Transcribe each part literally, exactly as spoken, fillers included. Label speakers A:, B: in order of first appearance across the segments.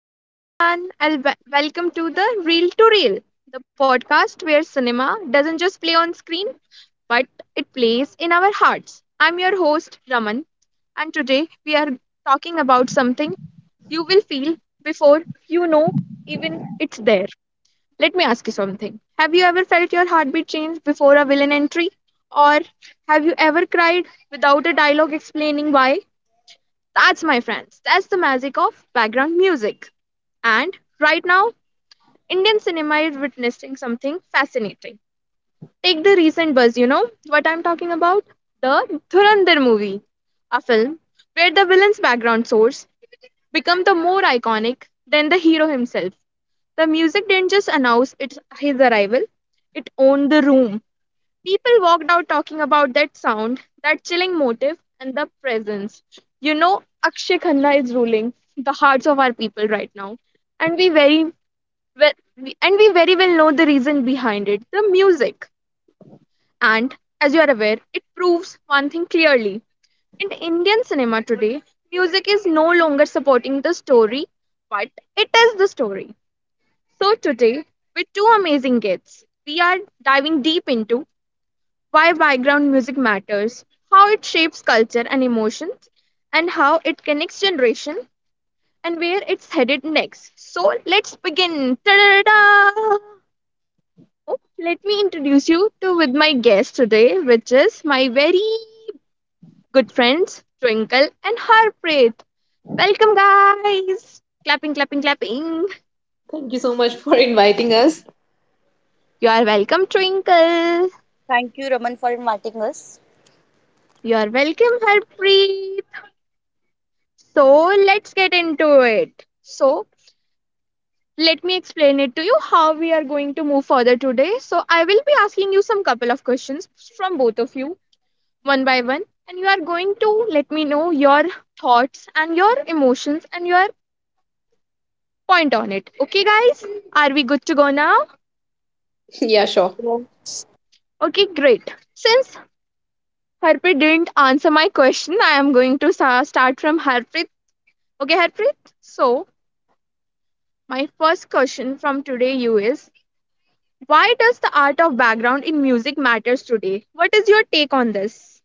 A: Hello, everyone, and w- welcome to the Reel to Reel, the podcast where cinema doesn't just play on screen, but it plays in our hearts. I'm your host, Raman, and today we are talking about something you will feel before you know even it's there. Let me ask you something. Have you ever felt your heartbeat change before a villain entry? Or have you ever cried without a dialogue explaining why? That's my friends. That's the magic of background music. And right now, Indian cinema is witnessing something fascinating. Take the recent buzz, you know what I'm talking about? The Dhurandhar movie, a film where the villain's background source become the more iconic than the hero himself. The music didn't just announce its his arrival, it owned the room. People walked out talking about that sound, that chilling motif, and the presence. You know, Akshay Khanna is ruling the hearts of our people right now, and we very well, we- and we very well know the reason behind it: the music. And as you are aware, it proves one thing clearly: in Indian cinema today, music is no longer supporting the story, but it is the story. So today, with two amazing guests, we are diving deep into why background music matters, how it shapes culture and emotions, and how it connects generation and where it's headed next. So let's begin. Ta-da-da-da! Oh, let me introduce you to with my guest today, which is my very good friends Twinkle and Harpreet. Welcome, guys! Clapping, clapping, clapping.
B: Thank you so much for inviting us.
A: You are welcome, Twinkle.
C: Thank you, Raman, for inviting us.
A: You are welcome, Harpreet. So let's get into it. So let me explain it to you how we are going to move further today. So, I will be asking you some couple of questions from both of you, one by one, and you are going to let me know your thoughts and your emotions and your point on it. Okay, guys? Are we good to go now?
B: Yeah, sure.
C: Yeah.
A: Okay, great. Since Harpreet didn't answer my question, I am going to sa- start from Harpreet. Okay, Harpreet? So, my first question from today you is, why does the art of background in music matters today? What is your take on this?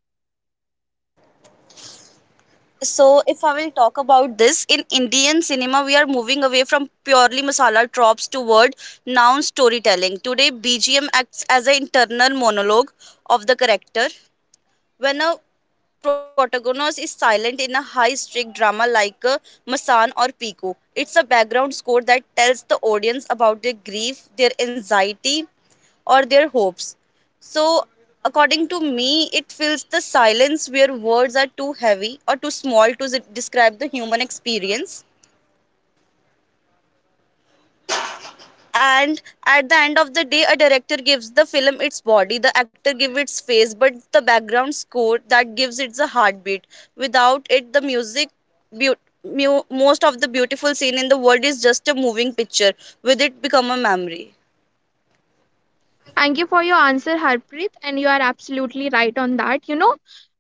C: So, if I will talk about this, in Indian cinema, we are moving away from purely masala tropes toward noun storytelling. Today, B G M acts as an internal monologue of the character. When a protagonist is silent in a high stake drama like uh, Masan or Pico, it's a background score that tells the audience about their grief, their anxiety, or their hopes. So, according to me, it fills the silence where words are too heavy or too small to s- describe the human experience. And at the end of the day, a director gives the film its body, the actor give its face, but the background score that gives it the heartbeat. Without it, the music beau- mu- most of the beautiful scene in the world is just a moving picture. With it, become a memory.
A: Thank you for your answer, Harpreet, and you are absolutely right on that. You know,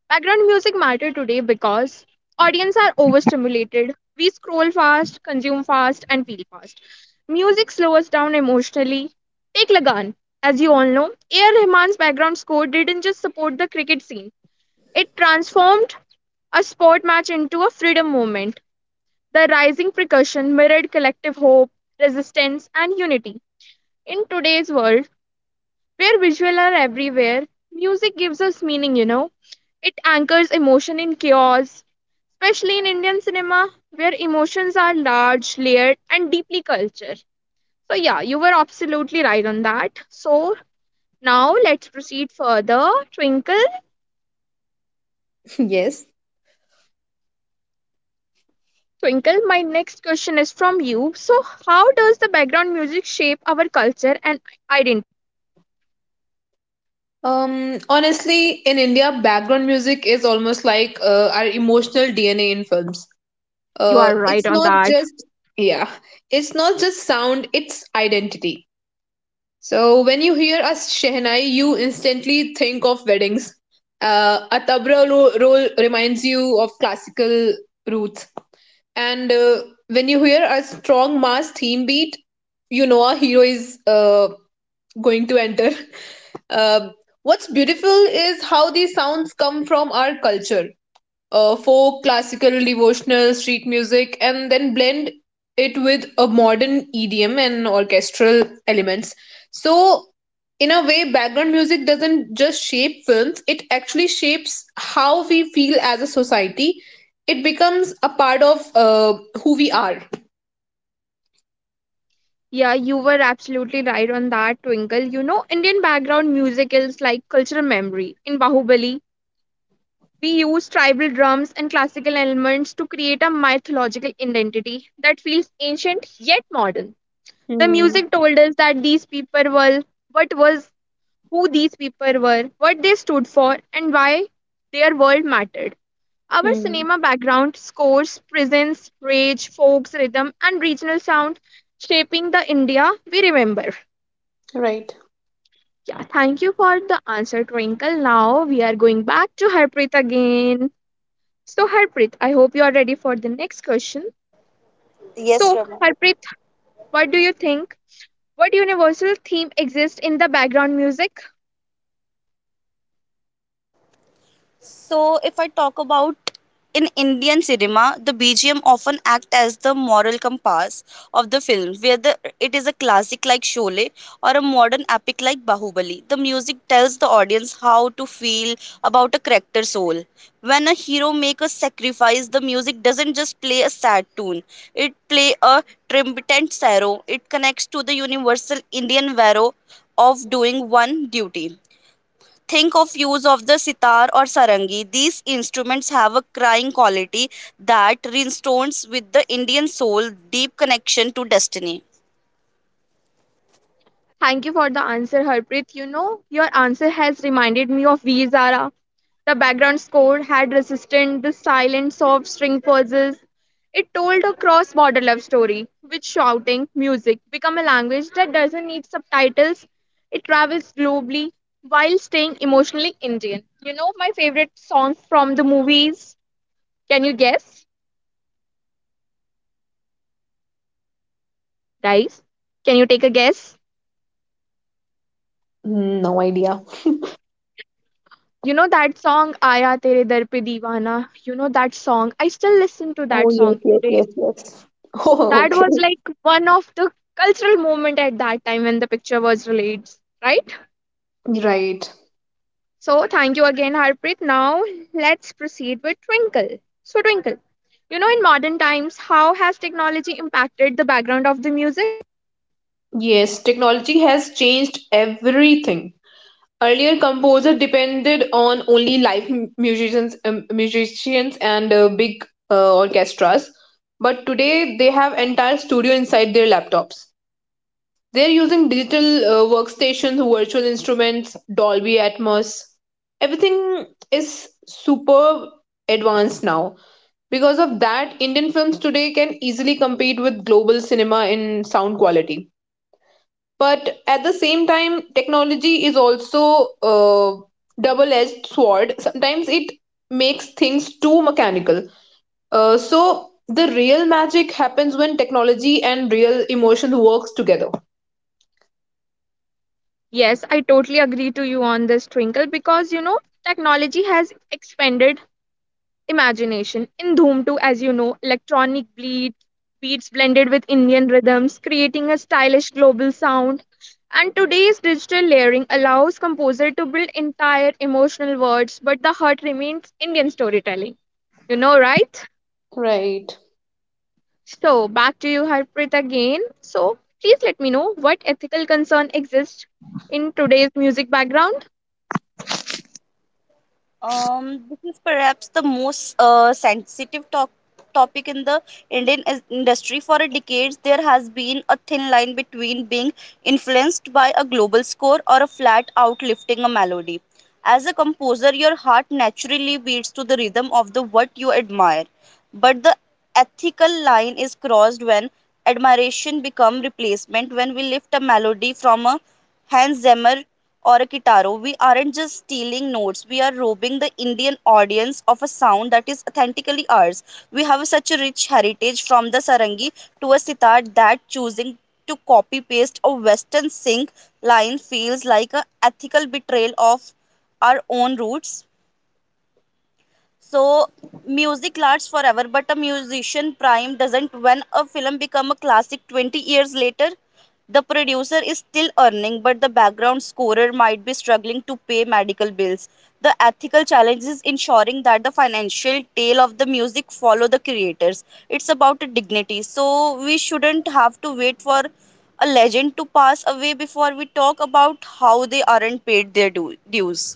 A: background music matter today because audience are overstimulated. We scroll fast, consume fast, and feel fast. Music slows us down emotionally. Take Lagan. As you all know, A R. Rahman's background score didn't just support the cricket scene. It transformed a sport match into a freedom movement. The rising percussion mirrored collective hope, resistance, and unity. In today's world, where visual are everywhere, music gives us meaning, you know. It anchors emotion in chaos, especially in Indian cinema, where emotions are large, layered, and deeply cultured. So, yeah, you were absolutely right on that. So, now let's proceed further. Twinkle,
B: Yes.
A: Twinkle, my next question is from you. So, how does the background music shape our culture and identity?
B: Um, Honestly, in India, background music is almost like uh, our emotional D N A in films.
A: You are
B: Uh,
A: right on
B: it's
A: that.
B: not just, yeah, it's not just sound, it's identity. So when you hear a Shehnai, you instantly think of weddings. Uh, a tabla ro- roll reminds you of classical roots. And uh, when you hear a strong mass theme beat, you know a hero is uh, going to enter. Uh, what's beautiful is how these sounds come from our culture uh, folk, classical, devotional, street music, and then blend it with a modern E D M and orchestral elements. So, in a way, background music doesn't just shape films, it actually shapes how we feel as a society. It becomes a part of uh, who we are.
A: Yeah, you were absolutely right on that, Twinkle. You know, Indian background music is like cultural memory. In Bahubali, we use tribal drums and classical elements to create a mythological identity that feels ancient yet modern. The
B: Hmm.
A: music told us that these people were what was who these people were, what they stood for, and why their world mattered. Our
B: Hmm.
A: cinema background scores, presents, rage, folks, rhythm, and regional sound shaping the India we remember. Yeah, thank you for the answer, Twinkle. Now we are going back to Harpreet again. So, Harpreet, I hope you are ready for the next question.
C: Yes,
A: So,
C: Rama.
A: Harpreet, what do you think? What universal theme exists in the background music?
C: So, if I talk about in Indian cinema, the B G M often act as the moral compass of the film, where the, it is a classic like Sholay or a modern epic like Bahubali. The music tells the audience how to feel about a character's soul. When a hero makes a sacrifice, the music doesn't just play a sad tune; it play a triumphant sorrow. It connects to the universal Indian vow of doing one duty. Think of use of the sitar or sarangi. These instruments have a crying quality that resonates with the Indian soul, deep connection to destiny.
A: Thank you for the answer, Harpreet. You know, your answer has reminded me of V. The background score had resistant the silent soft string pulses. It told a cross-border love story, with shouting music become a language that doesn't need subtitles. It travels globally while staying emotionally Indian. You know my favorite song from the movies. Can you guess? Guys, can you take a guess?
B: No idea.
A: You know that song Aaya Tere Dar Pe Deewana. You know that song. I still listen to
B: Oh
A: that
B: yes,
A: song
B: yes,
A: today.
B: yes, yes. Oh,
A: That was like one of the cultural moment at that time when the picture was released, right?
B: right.
A: So thank you again, Harpreet. Now let's proceed with Twinkle. So Twinkle, you know, in modern times, how has technology impacted the background of the music?
B: Yes, technology has changed everything. Earlier, composers depended on only live m- musicians, um, musicians and uh, big uh, orchestras. But today, they have entire studio inside their laptops. They're using digital uh, workstations, virtual instruments, Dolby Atmos. Everything is super advanced now. Because of that, Indian films today can easily compete with global cinema in sound quality. But at the same time, technology is also a double edged sword. Sometimes it makes things too mechanical. Uh, so the real magic happens when technology and real emotions works together.
A: Yes, I totally agree to you on this, Twinkle, because you know, technology has expanded imagination. In Dhoom two, as you know, electronic bleed, beats blended with Indian rhythms, creating a stylish global sound. And today's digital layering allows composer to build entire emotional words, but the heart remains Indian storytelling. You know, right?
B: Right.
A: So back to you, Harpreet, again. So please let me know what ethical concern exists in today's music background.
C: Um, this is perhaps the most uh, sensitive to- topic in the Indian is- industry. For decades, there has been a thin line between being influenced by a global score or a flat out lifting a melody. As a composer, your heart naturally beats to the rhythm of the what you admire. But the ethical line is crossed when admiration becomes replacement. When we lift a melody from a Hans Zimmer or a guitarra, we aren't just stealing notes, we are robbing the Indian audience of a sound that is authentically ours. We have such a rich heritage from the sarangi to a sitar that choosing to copy paste a western sing line feels like an ethical betrayal of our own roots. So music lasts forever, but a musician prime doesn't. When a film become a classic twenty years later, the producer is still earning, but the background scorer might be struggling to pay medical bills. The ethical challenge is ensuring that the financial tail of the music follow the creators. It's about dignity, so we shouldn't have to wait for a legend to pass away before we talk about how they aren't paid their du- dues.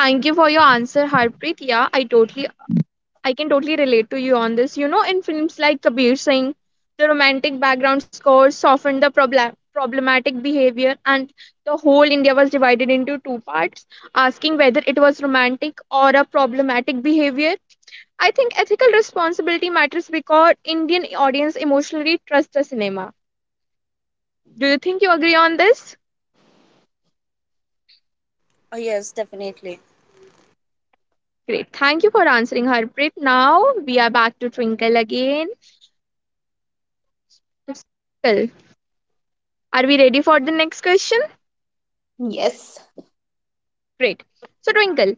A: Thank you for your answer, Harpreet. Yeah, I totally I can totally relate to you on this. You know, in films like Kabir Singh, the romantic background scores softened the problem problematic behavior, and the whole India was divided into two parts, asking whether it was romantic or a problematic behavior. I think ethical responsibility matters because Indian audience emotionally trust the cinema. Do you think you agree on this?
C: Uh, yes, definitely.
A: Great. Thank you for answering, Harpreet. Now we are back to Twinkle again. Twinkle, are we ready for the next question?
B: Yes.
A: Great. So, Twinkle,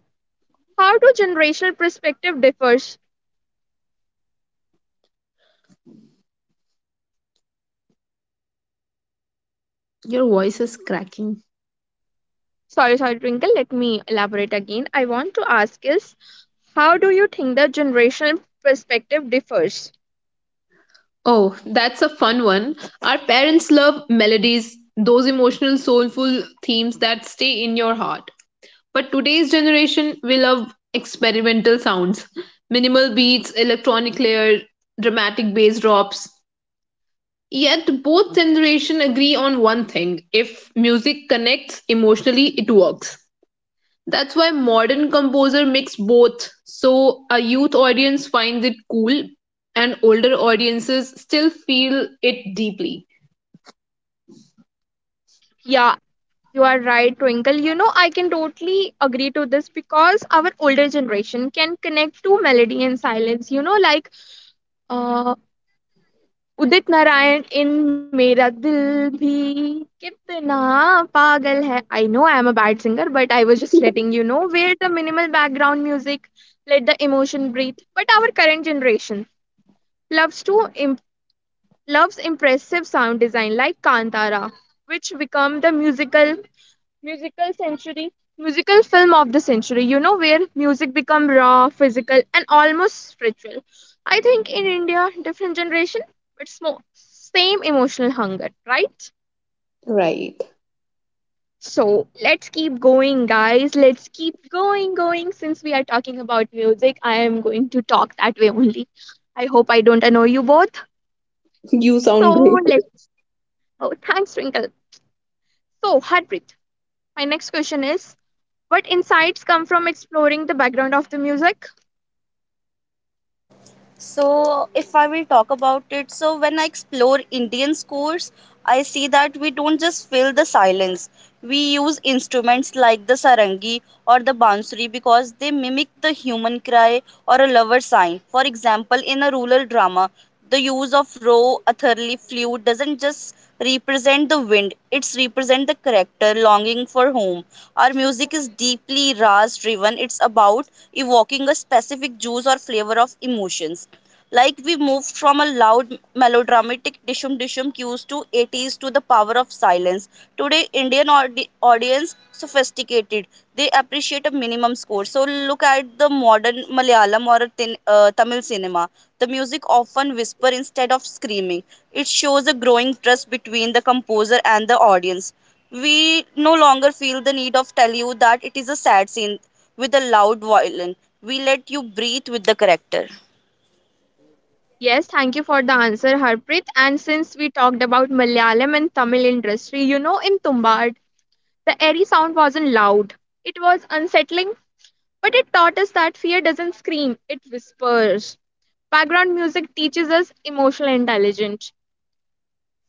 A: how do generational perspective differs?
B: Your voice is cracking.
A: Sorry, sorry, Twinkle. Let me elaborate again. I want to ask is, how do you think the generational perspective differs?
B: Oh, that's a fun one. Our parents love melodies, those emotional, soulful themes that stay in your heart. But today's generation, we love experimental sounds, minimal beats, electronic layer, dramatic bass drops. Yet both generation agree on one thing: if music connects emotionally, it works. That's why modern composer mix both, so a youth audience finds it cool, and older audiences still feel it deeply.
A: Yeah, you are right, Twinkle. You know, I can totally agree to this because our older generation can connect to melody and silence. You know, like uh, उदित नारायण इन मेरा दिल भी कितना पागल है. I know I am a bad singer, but I was just letting you know. Wear the minimal background music, let the emotion breathe. But our current generation loves to imp- loves impressive sound design like Kantara, which become the musical. musical century musical film of the century, you know, where music become raw physical and almost spiritual. I think in India different generation, but more same emotional hunger, right?
B: Right.
A: So let's keep going, guys, let's keep going going since we are talking about music, I am going to talk that way only. I hope I don't annoy you both.
B: You sound
A: So
B: great.
A: let oh, thanks, Twinkle. So heartbreak, my next question is, what insights come from exploring the background of the music?
C: So, if I will talk about it, so when I explore Indian scores, I see that we don't just fill the silence. We use instruments like the sarangi or the bansuri because they mimic the human cry or a lover sign. For example, in a rural drama, the use of raw atharli flute doesn't just represent the wind; it's represent the character longing for home. Our music is deeply ras driven. It's about evoking a specific juice or flavor of emotions. Like we moved from a loud melodramatic dishum dishum cues to eighties to the power of silence. Today, Indian audi- audience sophisticated. They appreciate a minimum score. So look at the modern Malayalam or a tin, uh, Tamil cinema. The music often whisper instead of screaming. It shows a growing trust between the composer and the audience. We no longer feel the need of tell you that it is a sad scene with a loud violin. We let you breathe with the character.
A: Yes, thank you for the answer, Harpreet. And since we talked about Malayalam and Tamil industry, you know, in Tumbad, the airy sound wasn't loud. It was unsettling, but it taught us that fear doesn't scream, it whispers. Background music teaches us emotional intelligence.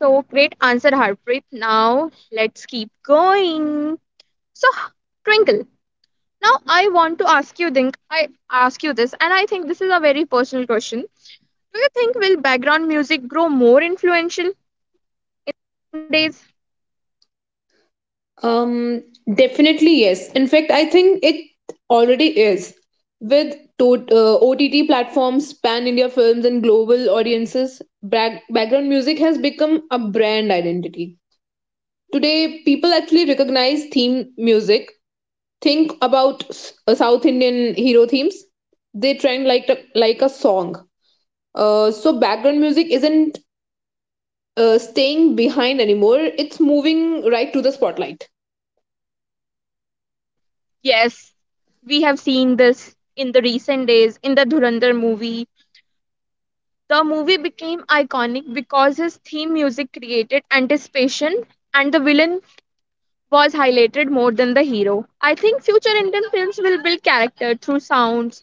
A: So, great answer, Harpreet. Now, let's keep going. So, Twinkle, now I want to ask you, think I ask you this, and I think this is a very personal question. Do you think will background music grow more influential days
B: Um, Definitely yes. In fact, I think it already is. With to- uh, O T T platforms, pan India films, and global audiences, back- background music has become a brand identity. Today, people actually recognize theme music. Think about s- uh, South Indian hero themes. They trend like a, like a song. Uh, so background music isn't uh, staying behind anymore. It's moving right to the spotlight.
A: Yes, we have seen this in the recent days in the Dhurandhar movie. The movie became iconic because his theme music created anticipation and the villain was highlighted more than the hero. I think future Indian films will build character through sounds,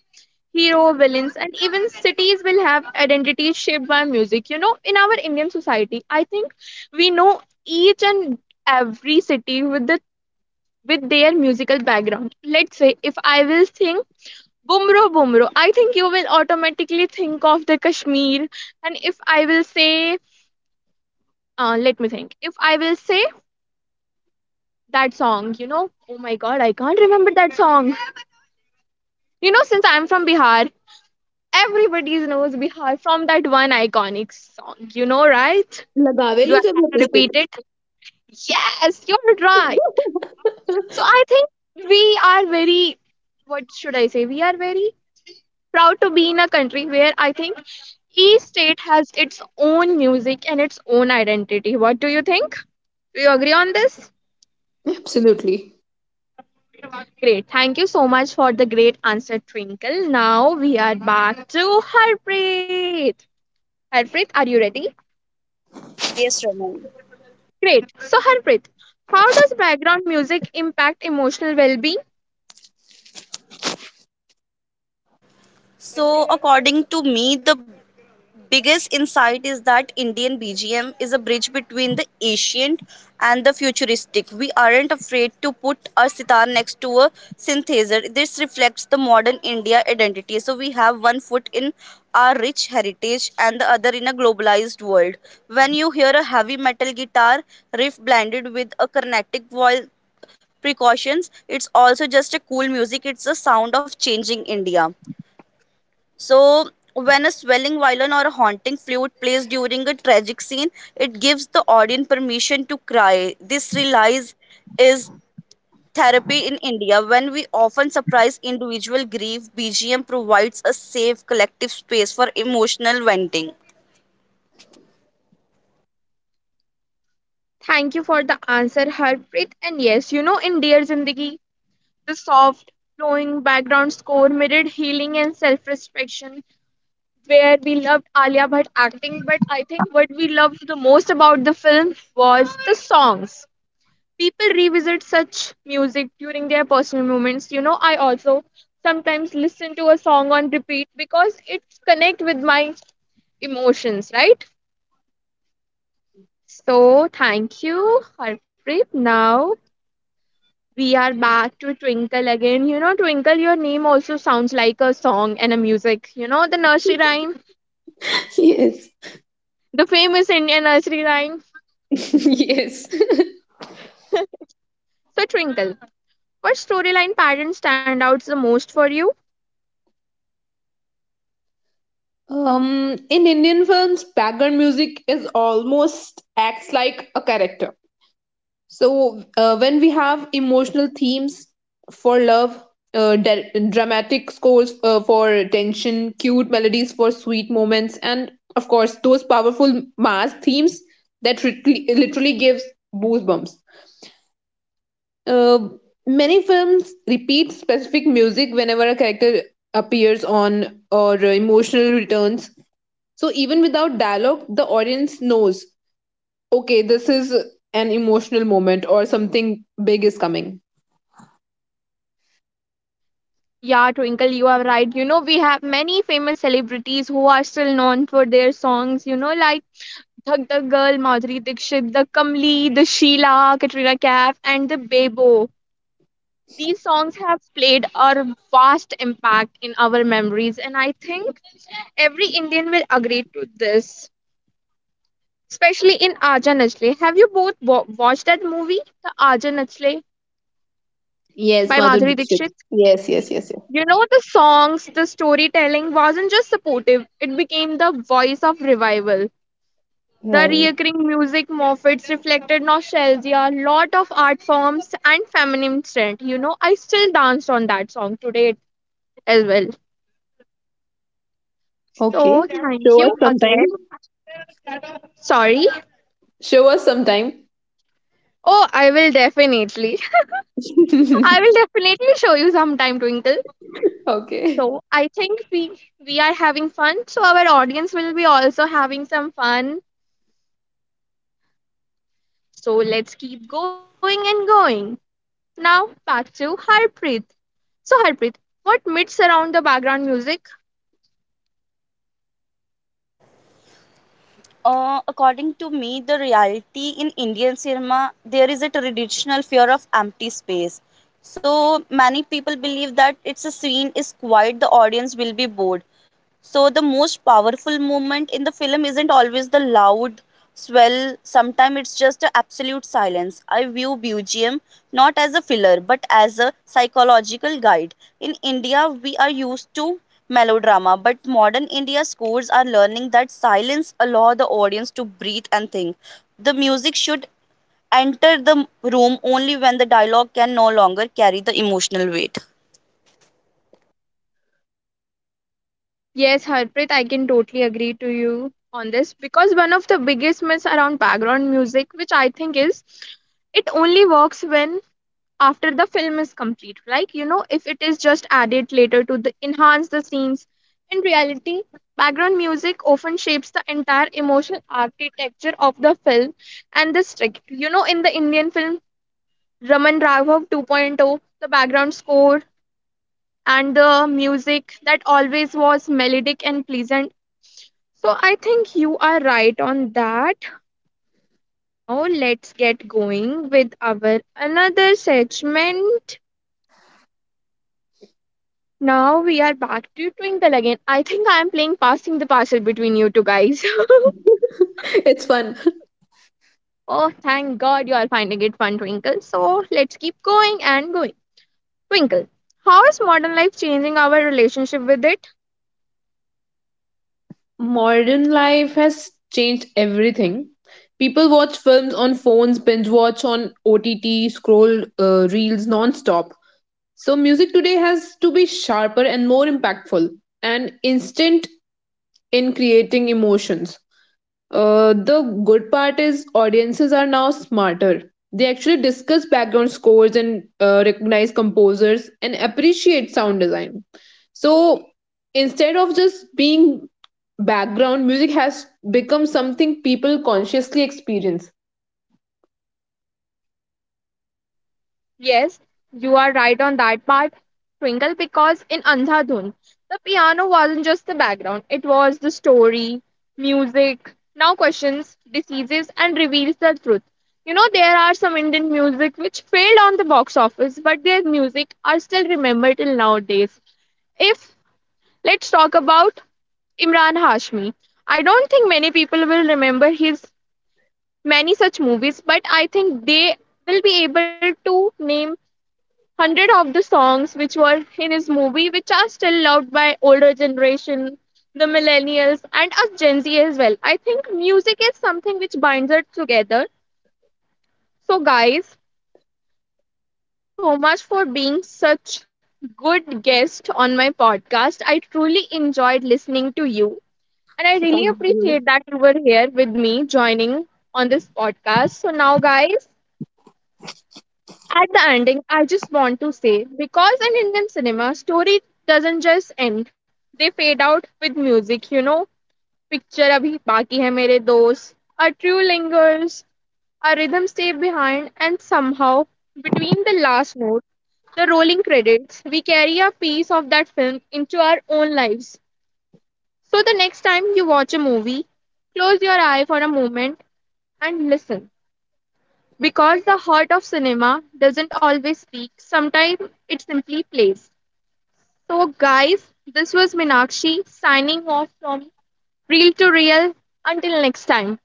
A: hero, villains, and even cities will have identities shaped by music. You know, in our Indian society, I think we know each and every city with the with their musical background. Let's say if I will sing Bumro, Bumro. I think you will automatically think of the Kashmir. And if I will say, uh, let me think. If I will say that song, you know, oh my god, I can't remember that song. You know, since I'm from Bihar, everybody knows Bihar from that one iconic song. You know, right?
B: लगा वे
A: Do I
B: लो जब.
A: have to repeat it? Yes, you're right. So I think we are very, what should I say? We are very proud to be in a country where I think each state has its own music and its own identity. What do you think? Do you agree on this?
B: Absolutely.
A: Great. Thank you so much for the great answer, Twinkle. Now we are back to Harpreet. Harpreet, are you ready?
C: Uh, yes, Roman.
A: Great. So, Harpreet, how does background music impact emotional well being?
C: So, according to me, the biggest insight is that Indian B G M is a bridge between the ancient and the futuristic. We aren't afraid to put our sitar next to a synthesizer. This reflects the modern India identity. So, we have one foot in our rich heritage and the other in a globalized world. When you hear a heavy metal guitar riff blended with a Carnatic voice, precautions. It's also just a cool music. It's the sound of changing India. So, when a swelling violin or a haunting flute plays during a tragic scene, it gives the audience permission to cry. This relies is therapy in India. When we often surprise individual grief, B G M provides a safe collective space for emotional venting.
A: Thank you for the answer, Harpreet. And yes, you know, in Dear Zindagi, the soft, flowing background score mirrored healing and self respection, where we loved Alia Bhatt acting, but I think what we loved the most about the film was the songs. People revisit such music during their personal moments. You know, I also sometimes listen to a song on repeat because it connect with my emotions, right? So thank you, Harpreet. Now we are back to Twinkle again. You know, Twinkle, your name also sounds like a song and a music. You know, the nursery rhyme,
B: Yes,
A: the famous Indian nursery rhyme.
B: yes.
A: So, Twinkle, what storyline pattern stand out the most for you?
B: Um, in Indian films, background music is almost acts like a character. So uh, when we have emotional themes for love, uh, dra- dramatic scores uh, for tension, cute melodies for sweet moments, and of course those powerful mass themes that rit- literally gives goosebumps. Uh, Many films repeat specific music whenever a character appears on or uh, emotional returns. So even without dialogue, the audience knows, okay, this is an emotional moment or something big is coming.
A: Yeah, Twinkle, you are right. You know, we have many famous celebrities who are still known for their songs, you know, like Thug the Girl, Madhuri Dixit, the Kamli, the Sheila, Katrina Kaif, and the Bebo. These songs have played a vast impact in our memories, and I think every Indian will agree to this, especially in Aaja Nachle. Have you both wa- watched that movie, The Aaja Nachle
B: Yes,
A: by
B: Madhur
A: Madhuri
B: Dixit.
A: Dixit?
B: Yes, yes, yes, yes.
A: You know, the songs, the storytelling wasn't just supportive, it became the voice of revival. The
B: Right.
A: recurring music Moffat's reflected nostalgia, lot of art forms, and feminine trend. You know, I still danced on that song today as well. So,
B: Okay.
A: thank
B: Show us
A: you
B: sometime.
A: again. Sorry.
B: Show us sometime.
A: Oh, I will definitely. I will definitely show you sometime, Twinkle.
B: Okay.
A: So, I think we we are having fun. So, our audience will be also having some fun. So, let's keep going and going. Now back to Harpreet. So Harpreet, what myths around the background music?
C: Uh, according to me, the reality in Indian cinema, there is a traditional fear of empty space. So many people believe that it's a scene is quiet, the audience will be bored. So the most powerful moment in the film isn't always the loud. Well, sometimes it's just a absolute silence. I view B G M not as a filler but as a psychological guide. In India, we are used to melodrama, but modern India scores are learning that silence allow the audience to breathe and think. The music should enter the room only when the dialogue can no longer carry the emotional weight.
A: Yes, Harpreet, I can totally agree to you on this because one of the biggest myths around background music, which I think is it only works when after the film is complete. Like, you know, if it is just added later to the, enhance the scenes. In reality, background music often shapes the entire emotional architecture of the film and the script. You know, in the Indian film, Raman Raghav 2.0, the background score and the music that always was melodic and pleasant. So I think you are right on that. Now let's get going with our another segment. Now we are back to Twinkle again. I think I am playing passing the parcel between you two guys.
B: It's fun.
A: Oh, thank God you are finding it fun, Twinkle. So let's keep going and going. Twinkle, how is modern life changing our relationship with it?
B: Modern life has changed everything. People watch films on phones, binge watch on O T T, scroll uh, reels non-stop. So music today has to be sharper and more impactful and instant in creating emotions. Uh, the good part is audiences are now smarter. They actually discuss background scores and uh, recognize composers and appreciate sound design. So instead of just being background, music has become something people consciously experience.
A: Yes, you are right on that part, Twinkle, because in Andhadhun, the piano wasn't just the background, it was the story, music, now questions, diseases, and reveals the truth. You know, there are some Indian music which failed on the box office, but their music are still remembered till nowadays. If let's talk about Imran Hashmi, I don't think many people will remember his many such movies, but I think they will be able to name Hundred of the songs which were in his movie, which are still loved by older generation, the millennials and us Gen Z as well. I think music is something which binds us together. So guys, so much for being such good guest on my podcast. I truly enjoyed listening to you and I
B: So
A: really
B: thank you.
A: appreciate that you were here with me joining on this podcast. So now guys, at the ending, I just want to say because in Indian cinema, story doesn't just end, they fade out with music, you know. Picture Abhi Baki Hai Mere Dost, a true lingers, a rhythm stay behind, and somehow between the last note, the rolling credits, we carry a piece of that film into our own lives. So the next time you watch a movie, close your eye for a moment and listen. Because the heart of cinema doesn't always speak, sometimes it simply plays. So, guys, this was Minakshi signing off from Real to Real. Until next time,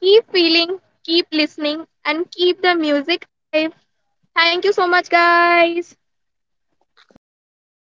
A: keep feeling, keep listening, and keep the music alive. Thank you so much, guys.
B: Thank you.
C: Thank